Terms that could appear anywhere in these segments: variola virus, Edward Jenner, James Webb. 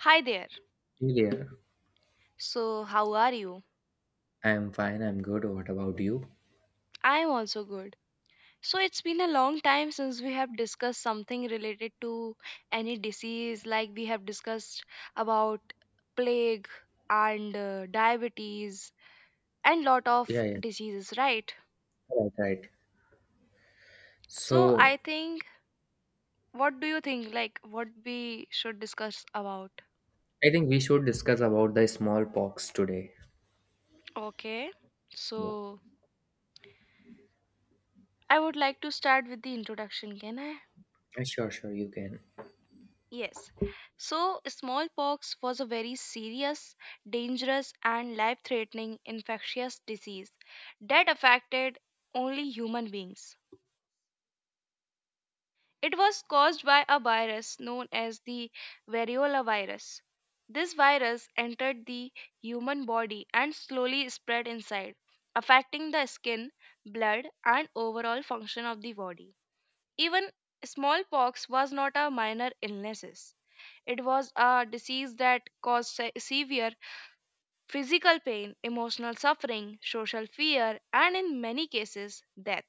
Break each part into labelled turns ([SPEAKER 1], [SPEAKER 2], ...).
[SPEAKER 1] Hi there.
[SPEAKER 2] Hey there.
[SPEAKER 1] So, how are you?
[SPEAKER 2] I'm fine. I'm good. What about you?
[SPEAKER 1] I am also good. So, it's been a long time since we have discussed something related to any disease, like we have discussed about plague and diabetes and lot of
[SPEAKER 2] Yeah, yeah.
[SPEAKER 1] diseases, right?
[SPEAKER 2] Right, right.
[SPEAKER 1] So, I
[SPEAKER 2] So
[SPEAKER 1] think what do you think like what we should discuss about?
[SPEAKER 2] I think we should discuss about the smallpox today.
[SPEAKER 1] Okay.
[SPEAKER 2] Yeah.
[SPEAKER 1] So, I would like to start with the introduction, can I?
[SPEAKER 2] Sure, sure. You can.
[SPEAKER 1] Yes. So, smallpox was a very serious, dangerous, and life threatening infectious disease that affected only human beings. It was caused by a virus known as the variola virus. This virus entered the human body and slowly spread inside, affecting the skin, blood, and overall function of the body. Even smallpox was not a minor illness. It was a disease that caused severe physical pain, emotional suffering, social fear, and in many cases, death.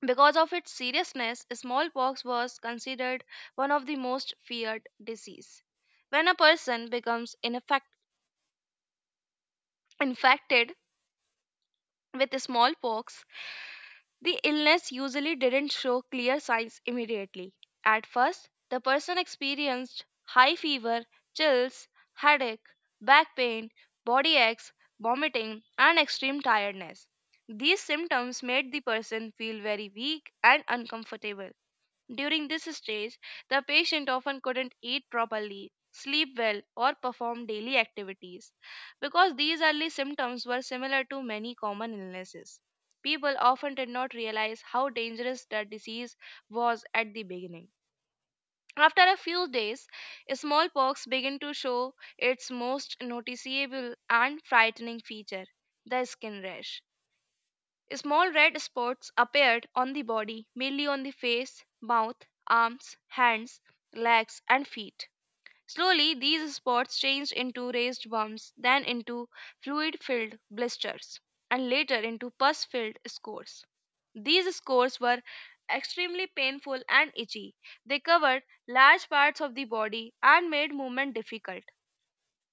[SPEAKER 1] Because of its seriousness, smallpox was considered one of the most feared disease. When a person becomes infected with smallpox, the illness usually didn't show clear signs immediately. At first, the person experienced high fever, chills, headache, back pain, body aches, vomiting, and extreme tiredness. These symptoms made the person feel very weak and uncomfortable. During this stage, the patient often couldn't eat properly, sleep well, or perform daily activities. Because these early symptoms were similar to many common illnesses, people often did not realize how dangerous the disease was at the beginning. After a few days, smallpox began to show its most noticeable and frightening feature, the skin rash. Small red spots appeared on the body, mainly on the face, mouth, arms, hands, legs, and feet. Slowly, these spots changed into raised bumps, then into fluid filled blisters, and later into pus filled scores. These scores were extremely painful and itchy. They covered large parts of the body and made movement difficult.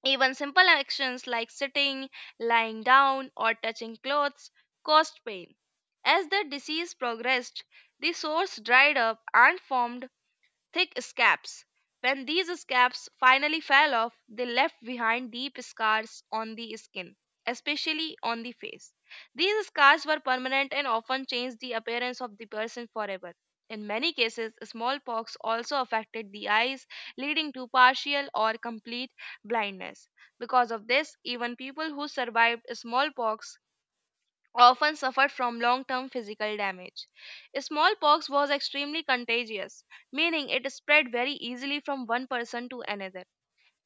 [SPEAKER 1] Even simple actions like sitting, lying down, or touching clothes caused pain. As the disease progressed, the sores dried up and formed thick scabs. When these scabs finally fell off, they left behind deep scars on the skin, especially on the face. These scars were permanent and often changed the appearance of the person forever. In many cases, smallpox also affected the eyes, leading to partial or complete blindness. Because of this, even people who survived smallpox often suffered from long term physical damage. Smallpox was extremely contagious, meaning it spread very easily from one person to another.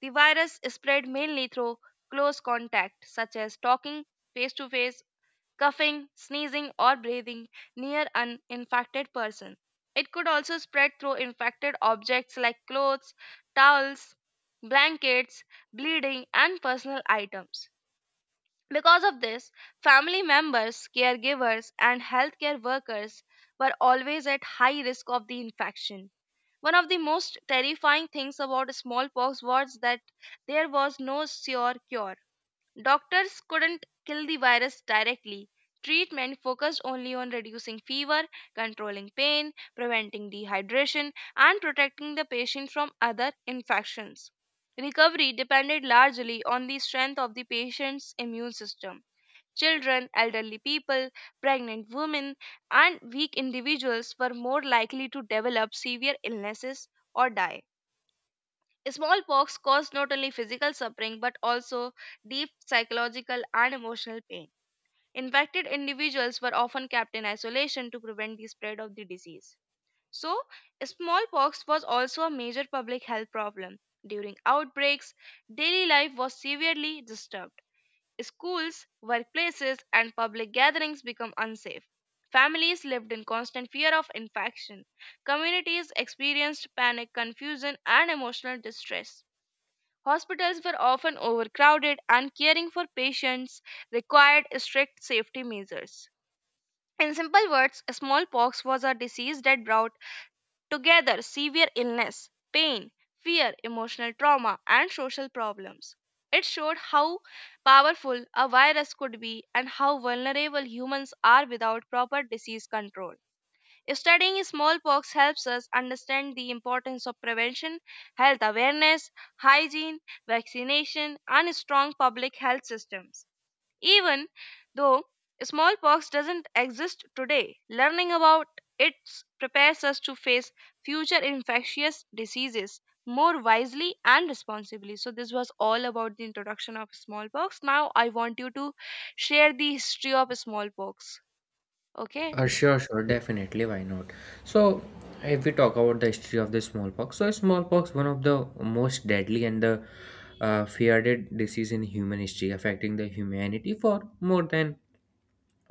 [SPEAKER 1] The virus spread mainly through close contact, such as talking face to face, coughing, sneezing, or breathing near an infected person. It could also spread through infected objects like clothes, towels, blankets, bleeding, and personal items. Because of this, family members, caregivers, and healthcare workers were always at high risk of the infection. One of the most terrifying things about smallpox was that there was no sure cure. Doctors couldn't kill the virus directly. Treatment focused only on reducing fever, controlling pain, preventing dehydration, and protecting the patient from other infections. Recovery depended largely on the strength of the patient's immune system. Children, elderly people, pregnant women, and weak individuals were more likely to develop severe illnesses or die. Smallpox caused not only physical suffering but also deep psychological and emotional pain. Infected individuals were often kept in isolation to prevent the spread of the disease. So, smallpox was also a major public health problem. During outbreaks, daily life was severely disturbed. Schools, workplaces, and public gatherings became unsafe. Families lived in constant fear of infection. Communities experienced panic, confusion, and emotional distress. Hospitals were often overcrowded, and caring for patients required strict safety measures. In simple words, smallpox was a disease that brought together severe illness, pain, fear, emotional trauma, and social problems. It showed how powerful a virus could be and how vulnerable humans are without proper disease control. Studying smallpox helps us understand the importance of prevention, health awareness, hygiene, vaccination, and strong public health systems. Even though smallpox doesn't exist today, learning about it prepares us to face future infectious diseases more wisely and responsibly. So, this was all about the introduction of smallpox. Now, I want you to share the history of smallpox. Okay.
[SPEAKER 2] Sure, sure. Definitely. Why not? So if we talk about the history of the smallpox, so smallpox one of the most deadly and the feared disease in human history, affecting the humanity for more than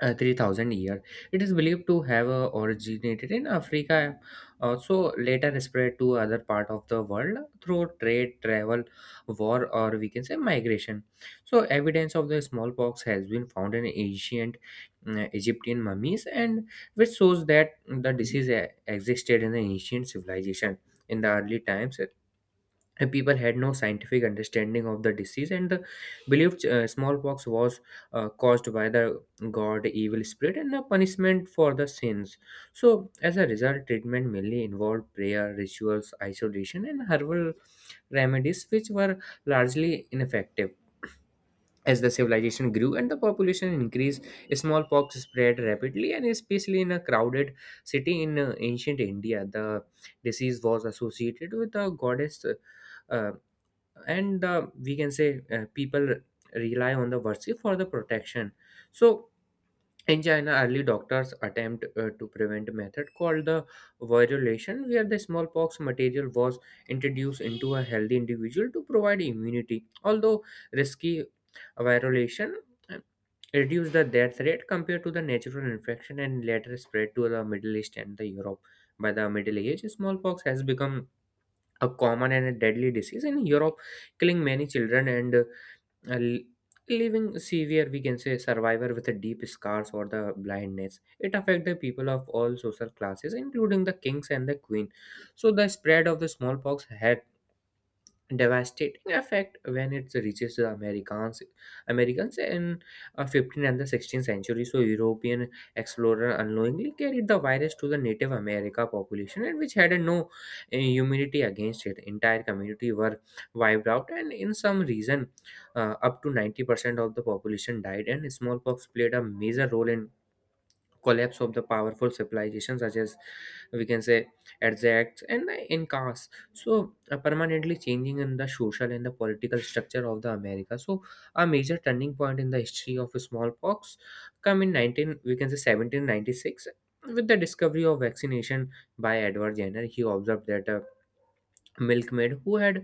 [SPEAKER 2] 3000 years. It is believed to have originated in africa, also later spread to other part of the world through trade, travel, war, or we can say migration. So evidence of the smallpox has been found in ancient egyptian mummies, and which shows that the disease existed in the ancient civilization in the early times. And people had no scientific understanding of the disease and the believed smallpox was caused by the god, evil spirit, and a punishment for the sins. So as a result, treatment mainly involved prayer, rituals, isolation, and herbal remedies, which were largely ineffective. As the civilization grew and the population increased, smallpox spread rapidly and especially in a crowded city in ancient india. The disease was associated with the goddess uh, and we can say people rely on the Varsi for the protection. So in China, early doctors attempt to prevent a method called the virulation, where the smallpox material was introduced into a healthy individual to provide immunity. Although risky, virulation uh, reduced the death rate compared to the natural infection, and later spread to the Middle East and the Europe. By the Middle Age, smallpox has become a common and a deadly disease in Europe, killing many children and l- leaving severe, we can say, survivor with a deep scars or the blindness. It affected the people of all social classes, including the kings and the queen. So the spread of the smallpox had devastating effect when it reaches the Americans, Americans in 15th and the 16th century. So European explorer unknowingly carried the virus to the Native America population, and which had no immunity against it. Entire community were wiped out, and in some region, up to 90% of the population died. And smallpox played a major role in collapse of the powerful civilizations such as we can say Aztecs and Incas. So permanently changing in the social and the political structure of the America. So a major turning point in the history of smallpox come in 19 we can say 1796 with the discovery of vaccination by Edward Jenner. He observed that milkmaid who had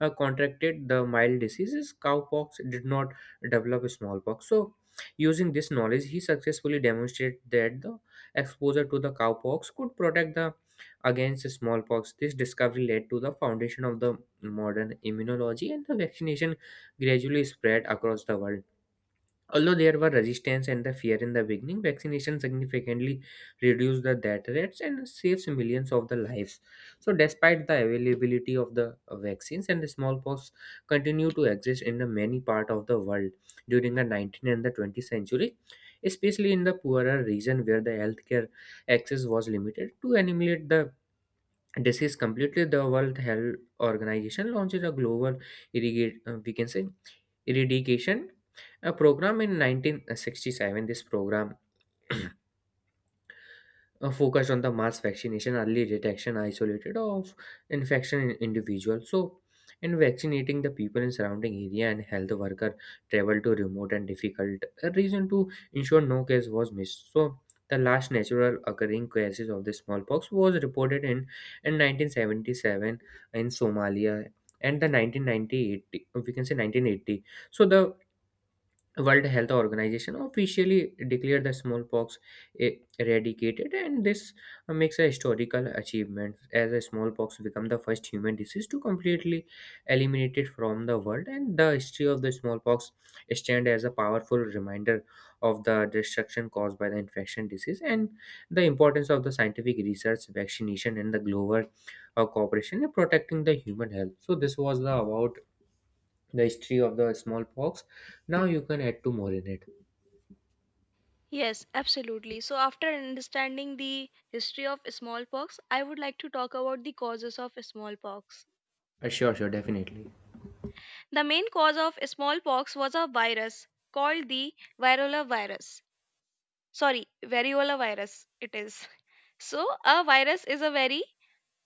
[SPEAKER 2] contracted the mild diseases cowpox did not develop smallpox. So using this knowledge, he successfully demonstrated that the exposure to the cowpox could protect the against smallpox. This discovery led to the foundation of the modern immunology, and the vaccination gradually spread across the world. Although there were resistance and the fear in the beginning, vaccination significantly reduced the death rates and saves millions of the lives. So, despite the availability of the vaccines, and the smallpox continue to exist in the many part of the world during the 19th and the 20th century, especially in the poorer region where the healthcare access was limited to eliminate the this is completely the world health organization launches a global irrigate we can say irradiation a program in 1967. This program focused on the mass vaccination, early detection, isolated of infection in individuals. So, in vaccinating the people in surrounding area, and health worker travel to remote and difficult region to ensure no case was missed. So, the last natural occurring cases of the smallpox was reported in 1977 in Somalia, and the 1998 we can say 1980. So the World Health Organization officially declared the smallpox eradicated, and this makes a historical achievement as a smallpox become the first human disease to completely eliminate it from the world. And the history of the smallpox stand as a powerful reminder of the destruction caused by the infection disease and the importance of the scientific research, vaccination, and the global cooperation in protecting the human health. So this was the about the history of the smallpox. Now you can add two more in it.
[SPEAKER 1] Yes, absolutely. So, after understanding the history of smallpox, I would like to talk about the causes of smallpox.
[SPEAKER 2] Sure, sure, definitely.
[SPEAKER 1] The main cause of smallpox was a virus called the variola virus. Sorry, variola virus it is. So, a virus is a very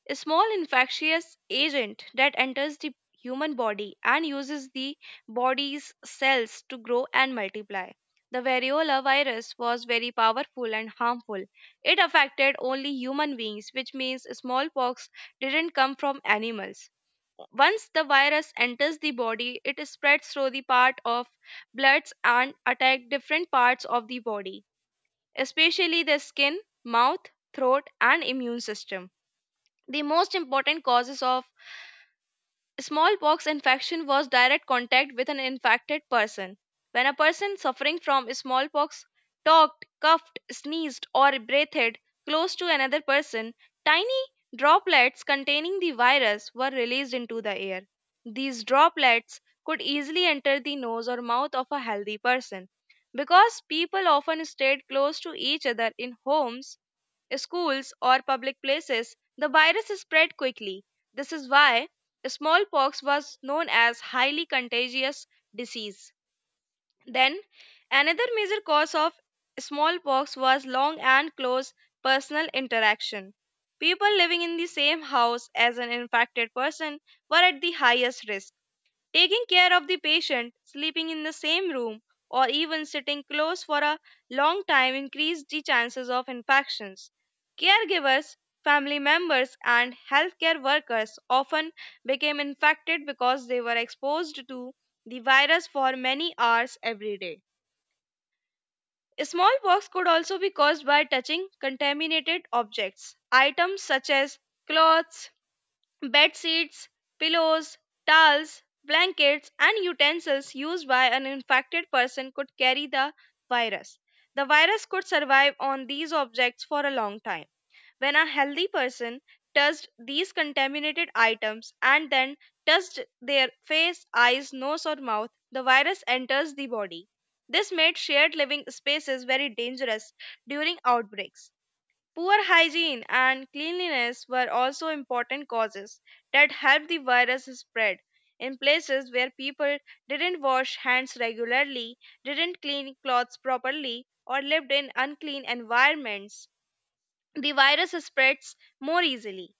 [SPEAKER 1] A small infectious agent that enters the human body and uses the body's cells to grow and multiply. The variola virus was very powerful and harmful. It affected only human beings, which means smallpox didn't come from animals. Once the virus enters the body, it spreads through the part of bloods and attack different parts of the body, especially the skin, mouth, throat, and immune system. The most important causes of smallpox infection was direct contact with an infected person. When a person suffering from smallpox talked, coughed, sneezed, or breathed close to another person, tiny droplets containing the virus were released into the air. These droplets could easily enter the nose or mouth of a healthy person. Because people often stayed close to each other in homes, schools, or public places, the virus is spread quickly. This is why smallpox was known as highly contagious disease. Then, another major cause of smallpox was long and close personal interaction. People living in the same house as an infected person were at the highest risk. Taking care of the patient, sleeping in the same room, or even sitting close for a long time increase the chances of infections. Caregivers, family members, and healthcare workers often became infected because they were exposed to the virus for many hours every day. Smallpox could also be caused by touching contaminated objects. Items such as clothes, bed sheets, pillows, towels, blankets, and utensils used by an infected person could carry the virus. The virus could survive on these objects for a long time. When a healthy person touched these contaminated items and then touched their face, eyes, nose, or mouth, the virus enters the body. This made shared living spaces very dangerous during outbreaks. Poor hygiene and cleanliness were also important causes that helped the virus spread. In places where people didn't wash hands regularly, didn't clean clothes properly, or lived in unclean environments, the virus spreads more easily.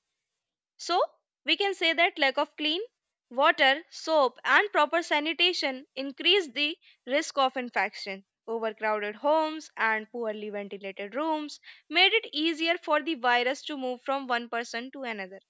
[SPEAKER 1] So, we can say that lack of clean water, soap, and proper sanitation increase the risk of infection. Overcrowded homes and poorly ventilated rooms made it easier for the virus to move from one person to another.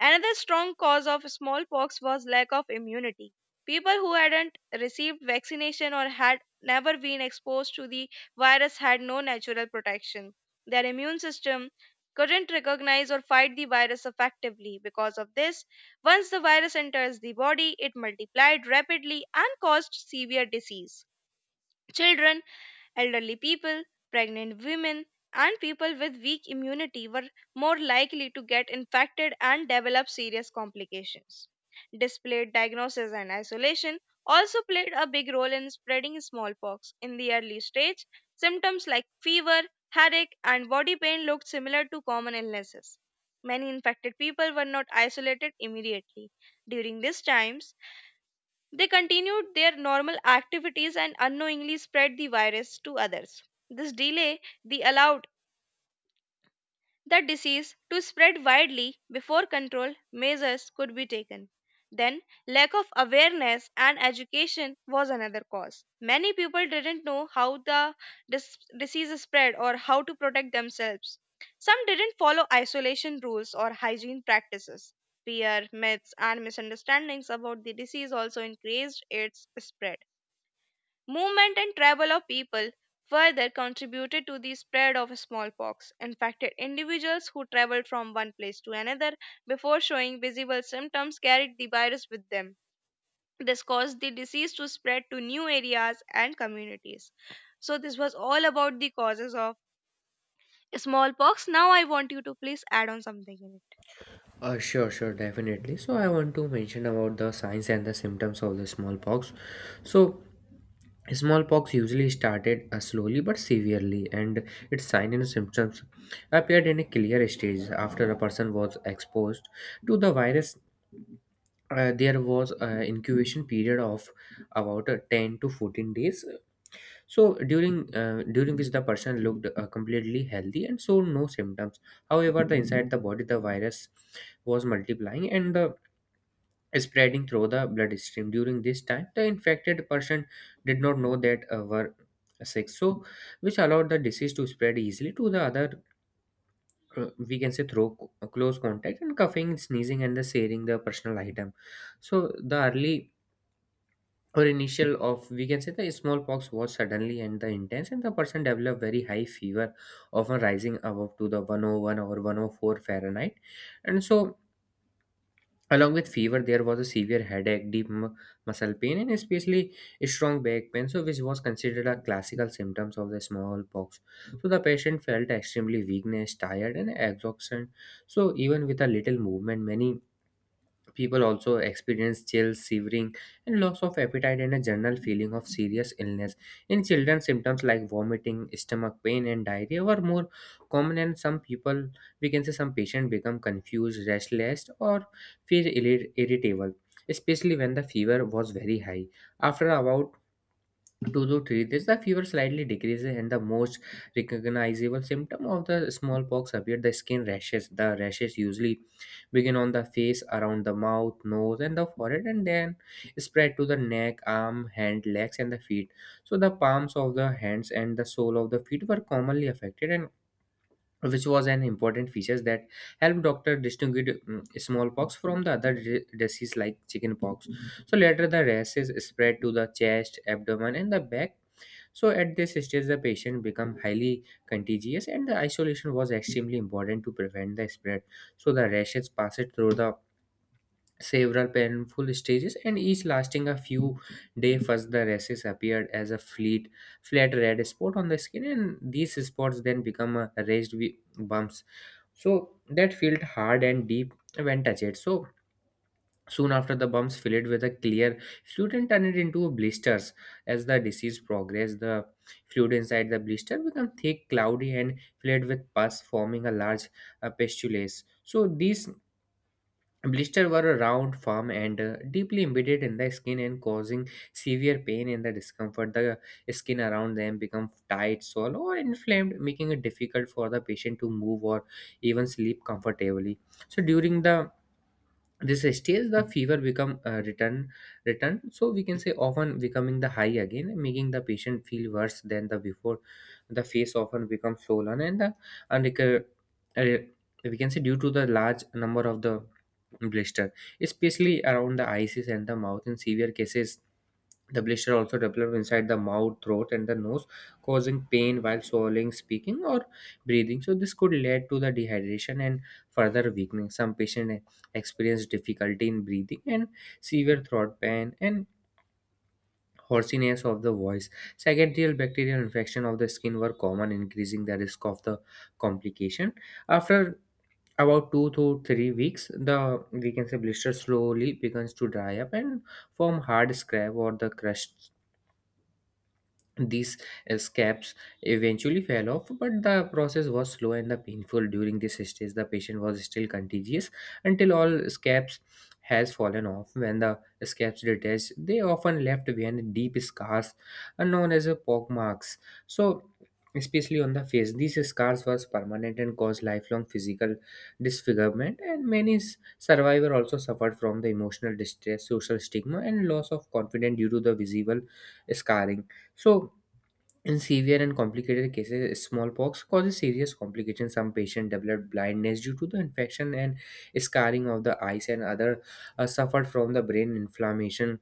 [SPEAKER 1] Another strong cause of smallpox was lack of immunity. People who hadn't received vaccination or had never been exposed to the virus had no natural protection. Their immune system couldn't recognize or fight the virus effectively. Because of this, once the virus enters the body, it multiplied rapidly and caused severe disease. Children, elderly people, pregnant women, and people with weak immunity were more likely to get infected and develop serious complications. Displayed diagnosis and isolation also played a big role in spreading smallpox. In the early stage, symptoms like fever, headache, and body pain looked similar to common illnesses. Many infected people were not isolated immediately. During these times, they continued their normal activities and unknowingly spread the virus to others. This delay they allowed the disease to spread widely before control measures could be taken. Then, lack of awareness and education was another cause. Many people didn't know how the disease spread or how to protect themselves. Some didn't follow isolation rules or hygiene practices. Fear, myths, and misunderstandings about the disease also increased its spread. Movement and travel of people further contributed to the spread of smallpox, infected individuals who traveled from one place to another before showing visible symptoms carried the virus with them. This caused the disease to spread to new areas and communities. So, this was all about the causes of smallpox. Now, I want you to please add on something in it.
[SPEAKER 2] Sure, sure, definitely. So I want to mention about the signs and the symptoms of the smallpox. So smallpox usually started slowly but severely, and its signs and symptoms appeared in a clear stage after a person was exposed to the virus. There was an incubation period of about 10 to 14 days. So during which the person looked completely healthy and showed no symptoms. However, the inside the body, the virus was multiplying and spreading through the bloodstream. During this time, the infected person did not know that were sick, so which allowed the disease to spread easily to the other. We can say through close contact and coughing, sneezing, and the sharing the personal item. So the early or initial of, we can say, the smallpox was suddenly and the intense, and the person developed very high fever, often rising above to the 101 or 104 fahrenheit. And so along with fever there was a severe headache, deep muscle pain, and especially strong back pain, so which was considered a classical symptoms of the smallpox. So the patient felt extremely weakness, tired, and exhaustion. So even with a little movement, many people also experience chills, shivering, and loss of appetite and a general feeling of serious illness. In children, symptoms like vomiting, stomach pain, and diarrhea were more common, and some people, we can say, some patients become confused, restless, or feel irritable, especially when the fever was very high. After about 2 to 3 days, the fever slightly decreases, and the most recognizable symptom of the smallpox appear the skin rashes. The rashes usually begin on the face around the mouth, nose, and the forehead, and then spread to the neck, arm, hand, legs, and the feet. So the palms of the hands and the sole of the feet were commonly affected, and which was an important feature that helped doctor distinguish smallpox from the other disease like chickenpox. So later the rashes spread to the chest, abdomen, and the back. So at this stage, the patient became highly contagious, and the isolation was extremely important to prevent the spread. So the rashes passed through the several painful stages, and each lasting a few days. First, the rashes appeared as a fleet, flat red spot on the skin, and these spots then become raised bumps. So that felt hard and deep when touched. So soon after, the bumps filled with a clear fluid and turned it into blisters. As the disease progressed, the fluid inside the blister became thick, cloudy, and filled with pus, forming a large pustule. So these blisters were round, firm, and deeply embedded in the skin and causing severe pain and the discomfort. The skin around them become tight, swollen, or inflamed, making it difficult for the patient to move or even sleep comfortably. So during the this stage, the fever become return so we can say, often becoming the high again, making the patient feel worse than the before. The face often becomes swollen and the and uh, we can say due to the large number of the blister, especially around the eyes and the mouth. In severe cases, the blister also develop inside the mouth, throat, and the nose, causing pain while swallowing, speaking, or breathing. So, this could lead to the dehydration and further weakening. Some patients experience difficulty in breathing and severe throat pain and hoarseness of the voice. Secondary bacterial infection of the skin were common, increasing the risk of the complication. After about 2 to 3 weeks, the we can say blister slowly begins to dry up and form hard scab or the crust. These scabs eventually fell off, but the process was slow and the painful. During this stage, the patient was still contagious until all scabs has fallen off. When the scabs detached, they often left behind deep scars, known as pockmarks. So, especially on the face, these scars was permanent and caused lifelong physical disfigurement. And many survivor also suffered from the emotional distress, social stigma, and loss of confidence due to the visible scarring. So, in severe and complicated cases, smallpox causes serious complications. Some patients develop blindness due to the infection and scarring of the eyes, and other suffered from the brain inflammation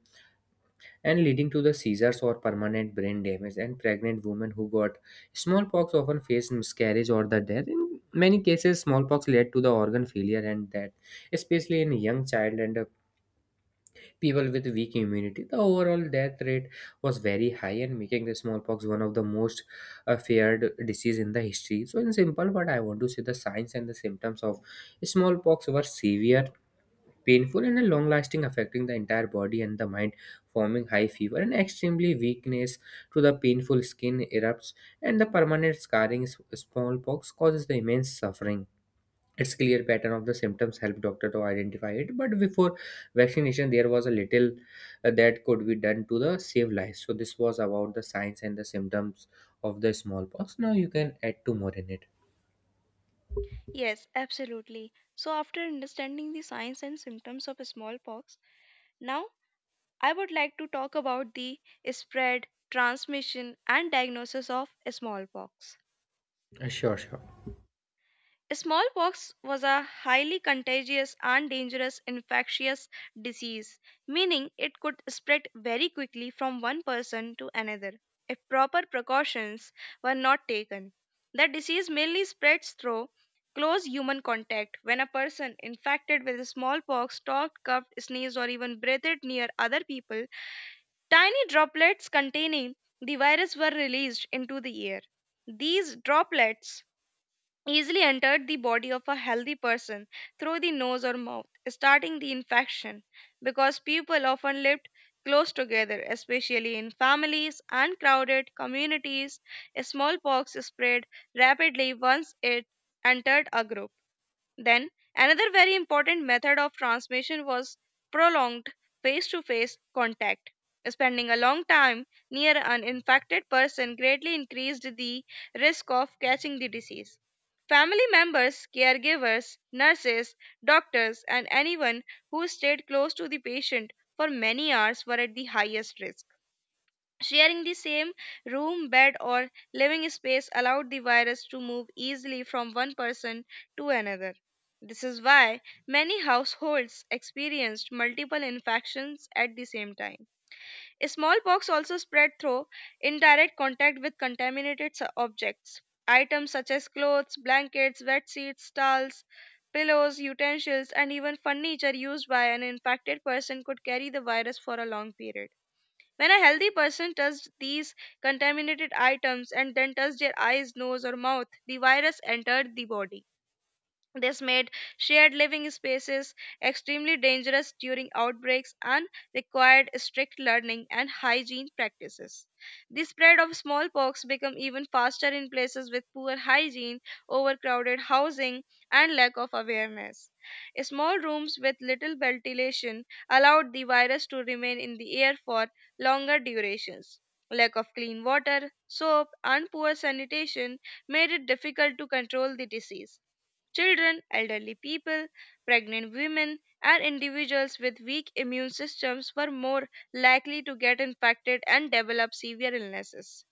[SPEAKER 2] and leading to the seizures or permanent brain damage. And pregnant women who got smallpox often face miscarriage or the death. In many cases, smallpox led to the organ failure and death, especially in young child and people with weak immunity. The overall death rate was very high and making the smallpox one of the most feared disease in the history. So in simple, what I want to say, the signs and the symptoms of smallpox were severe, painful, and long lasting, affecting the entire body and the mind, forming high fever and extremely weakness to the painful skin erupts and the permanent scarring. Smallpox causes the immense suffering. Its clear pattern of the symptoms help doctor to identify it, but before vaccination there was a little that could be done to the save lives. So this was about the signs and the symptoms of the smallpox. Now you can add two more in it.
[SPEAKER 1] Yes, absolutely. So, after understanding the signs and symptoms of smallpox, now I would like to talk about the spread, transmission, and diagnosis of smallpox.
[SPEAKER 2] Sure, sure.
[SPEAKER 1] Smallpox was a highly contagious and dangerous infectious disease, meaning it could spread very quickly from one person to another if proper precautions were not taken. The disease mainly spreads through close human contact when a person infected with smallpox talked, coughed, sneezed, or even breathed near other people. Tiny droplets containing the virus were released into the air. These droplets easily entered the body of a healthy person through the nose or mouth, starting the infection because people often lived close together, especially in families and crowded communities. Smallpox spread rapidly once it entered a group. Then, another very important method of transmission was prolonged face to face contact. Spending a long time near an infected person greatly increased the risk of catching the disease. Family members, caregivers, nurses, doctors, and anyone who stayed close to the patient for many hours were at the highest risk. Sharing the same room, bed, or living space allowed the virus to move easily from one person to another. This is why many households experienced multiple infections at the same time. Smallpox also spread through indirect contact with contaminated objects. Items such as clothes, blankets, wet sheets, towels, pillows, utensils, and even furniture used by an infected person could carry the virus for a long period. When a healthy person touches these contaminated items and then touches their eyes, nose, or mouth, the virus entered the body. This made shared living spaces extremely dangerous during outbreaks and required strict learning and hygiene practices. The spread of smallpox became even faster in places with poor hygiene, overcrowded housing, and lack of awareness. Small rooms with little ventilation allowed the virus to remain in the air for longer durations. Lack of clean water, soap, and poor sanitation made it difficult to control the disease. Children, elderly people, pregnant women, and individuals with weak immune systems were more likely to get infected and develop severe illnesses.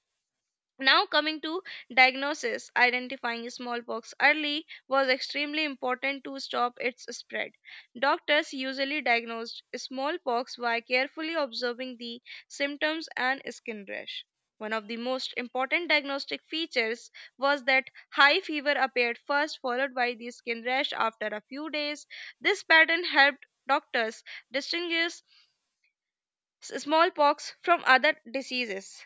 [SPEAKER 1] Now, coming to diagnosis, identifying smallpox early was extremely important to stop its spread. Doctors usually diagnosed smallpox by carefully observing the symptoms and skin rash. One of the most important diagnostic features was that high fever appeared first, followed by the skin rash after a few days. This pattern helped doctors distinguish smallpox from other diseases.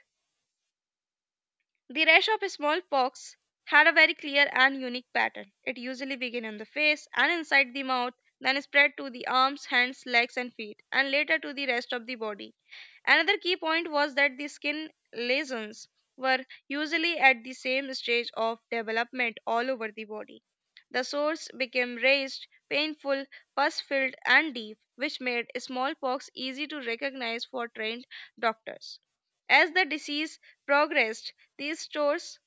[SPEAKER 1] The rash of smallpox had a very clear and unique pattern. It usually began on the face and inside the mouth, then spread to the arms, hands, legs, and feet, and later to the rest of the body. Another key point was that the skin lesions were usually at the same stage of development all over the body. The sores became raised, painful, pus filled, and deep, which made smallpox easy to recognize for trained doctors. As the disease progressed, these stores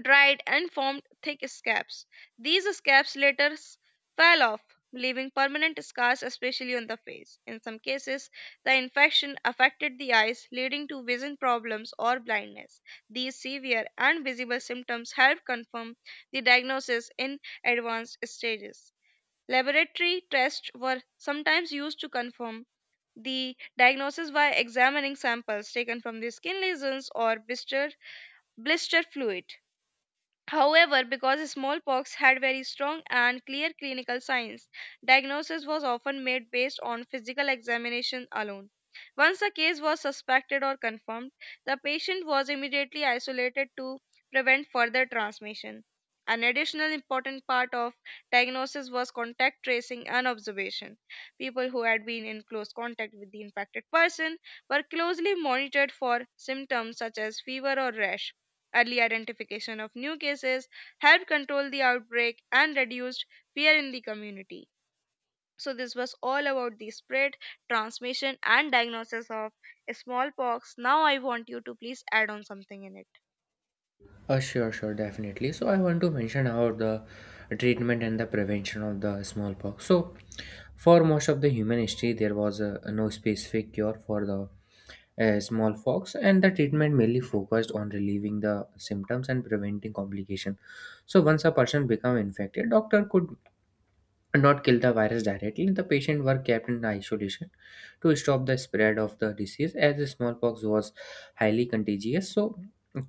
[SPEAKER 1] dried and formed thick scabs. These scabs later fell off, leaving permanent scars, especially on the face. In some cases, the infection affected the eyes, leading to vision problems or blindness. These severe and visible symptoms help confirm the diagnosis in advanced stages. Laboratory tests were sometimes used to confirm the diagnosis by examining samples taken from the skin lesions or blister fluid. However, because smallpox had very strong and clear clinical signs, diagnosis was often made based on physical examination alone. Once a case was suspected or confirmed, the patient was immediately isolated to prevent further transmission. An additional important part of diagnosis was contact tracing and observation. People who had been in close contact with the infected person were closely monitored for symptoms such as fever or rash. Early identification of new cases helped control the outbreak and reduced fear in the community. So, this was all about the spread, transmission, and diagnosis of smallpox. Now, I want you to please add on something in it.
[SPEAKER 2] Sure, sure, definitely, so I want to mention about the treatment and the prevention of the smallpox. So for most of the human history there was no specific cure for the smallpox, and the treatment mainly focused on relieving the symptoms and preventing complication. So once a person become infected, doctor could not kill the virus directly. The patient were kept in isolation to stop the spread of the disease, as the smallpox was highly contagious. So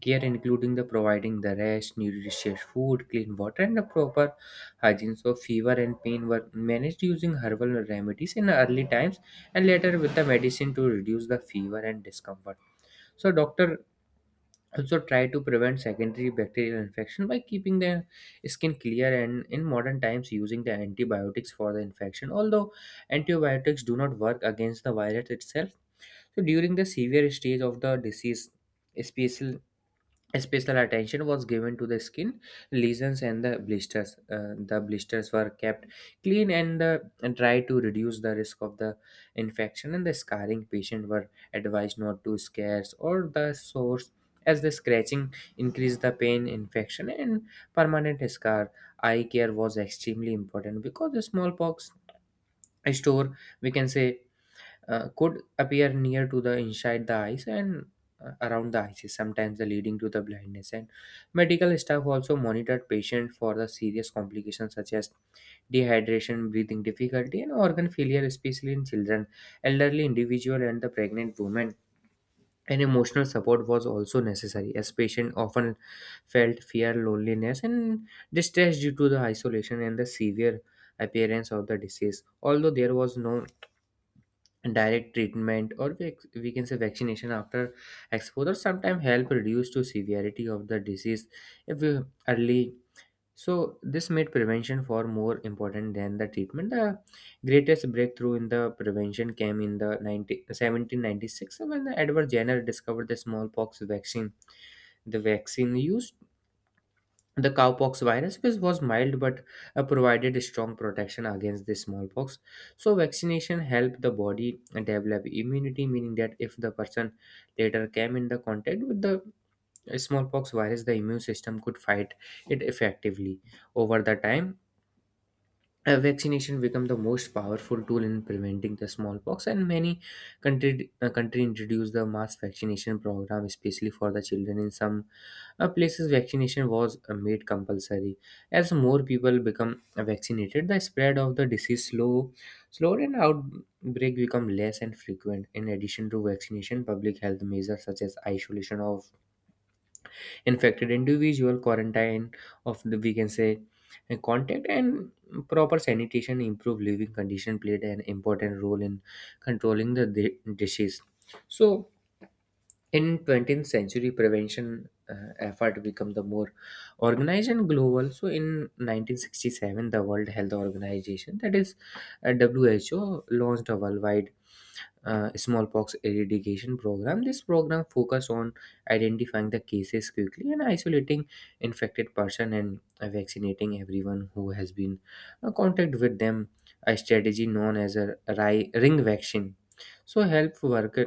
[SPEAKER 2] care including the providing the rest, nutritious food, clean water, and the proper hygiene. So fever and pain were managed using herbal remedies in early times, and later with the medicine to reduce the fever and discomfort. So doctor also try to prevent secondary bacterial infection by keeping the skin clear, and in modern times using the antibiotics for the infection, although antibiotics do not work against the virus itself. So during the severe stage of the disease, special Special attention was given to the skin lesions and the blisters. The blisters were kept clean, and tried to reduce the risk of the infection. And the scarring patient were advised not to scarce or the source, as the scratching increased the pain, infection, and permanent scar. Eye care was extremely important because the smallpox store, we can say, could appear near to the inside the eyes and around the eyes, sometimes the leading to the blindness. And medical staff also monitored patients for the serious complications such as dehydration, breathing difficulty, and organ failure, especially in children, elderly individual, and the pregnant women. And emotional support was also necessary, as patients often felt fear, loneliness, and distress due to the isolation and the severe appearance of the disease. Although there was no direct treatment, or we can say, vaccination after exposure sometimes help reduce to severity of the disease if we early. So this made prevention far more important than the treatment. The greatest breakthrough in the prevention came in the 1796, when Edward Jenner discovered the smallpox vaccine. The vaccine used the cowpox virus, was mild, but provided strong protection against the smallpox. So vaccination helped the body develop immunity, meaning that if the person later came in the contact with the smallpox virus, the immune system could fight it effectively. Over the time, vaccination become the most powerful tool in preventing the smallpox, and many country introduced the mass vaccination program, especially for the children. In some places vaccination was made compulsory. As more people become vaccinated, the spread of the disease slowed, and outbreak become less and frequent. In addition to vaccination, public health measures such as isolation of infected individual, quarantine of the, we can say, contact, and proper sanitation, improve living condition, played an important role in controlling the disease. So in 20th century prevention effort become the more organized and global. So in 1967 the World Health Organization, that is, WHO, launched a worldwide smallpox eradication program. This program focus on identifying the cases quickly and isolating infected person, and vaccinating everyone who has been contact with them. A strategy known as a ring vaccine. So help worker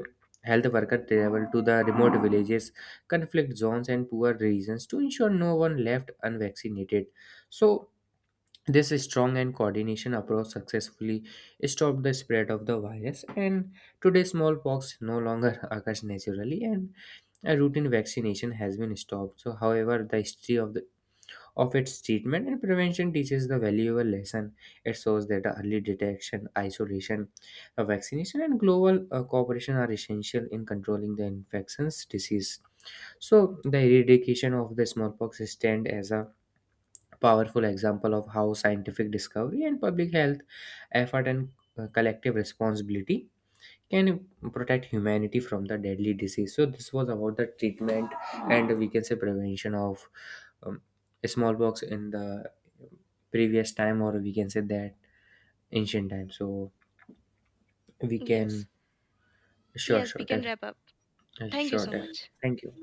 [SPEAKER 2] health worker travel to the remote villages, conflict zones, and poor regions to ensure no one left unvaccinated. So this strong and coordination approach successfully stopped the spread of the virus, and today smallpox no longer occurs naturally, and a routine vaccination has been stopped. So, however, the history of its treatment and prevention teaches the valuable lesson. It shows that early detection, isolation, vaccination, and global cooperation are essential in controlling the infections disease. So, the eradication of the smallpox stand as a powerful example of how scientific discovery and public health effort, and collective responsibility, can protect humanity from the deadly disease. So this was about the treatment, and we can say prevention of um, smallpox in the previous time, or we can say that ancient time. So we
[SPEAKER 1] Yes,
[SPEAKER 2] can. Sure,
[SPEAKER 1] yes, we
[SPEAKER 2] sure,
[SPEAKER 1] can wrap up. Thank you
[SPEAKER 2] sure,
[SPEAKER 1] so much.
[SPEAKER 2] thank you.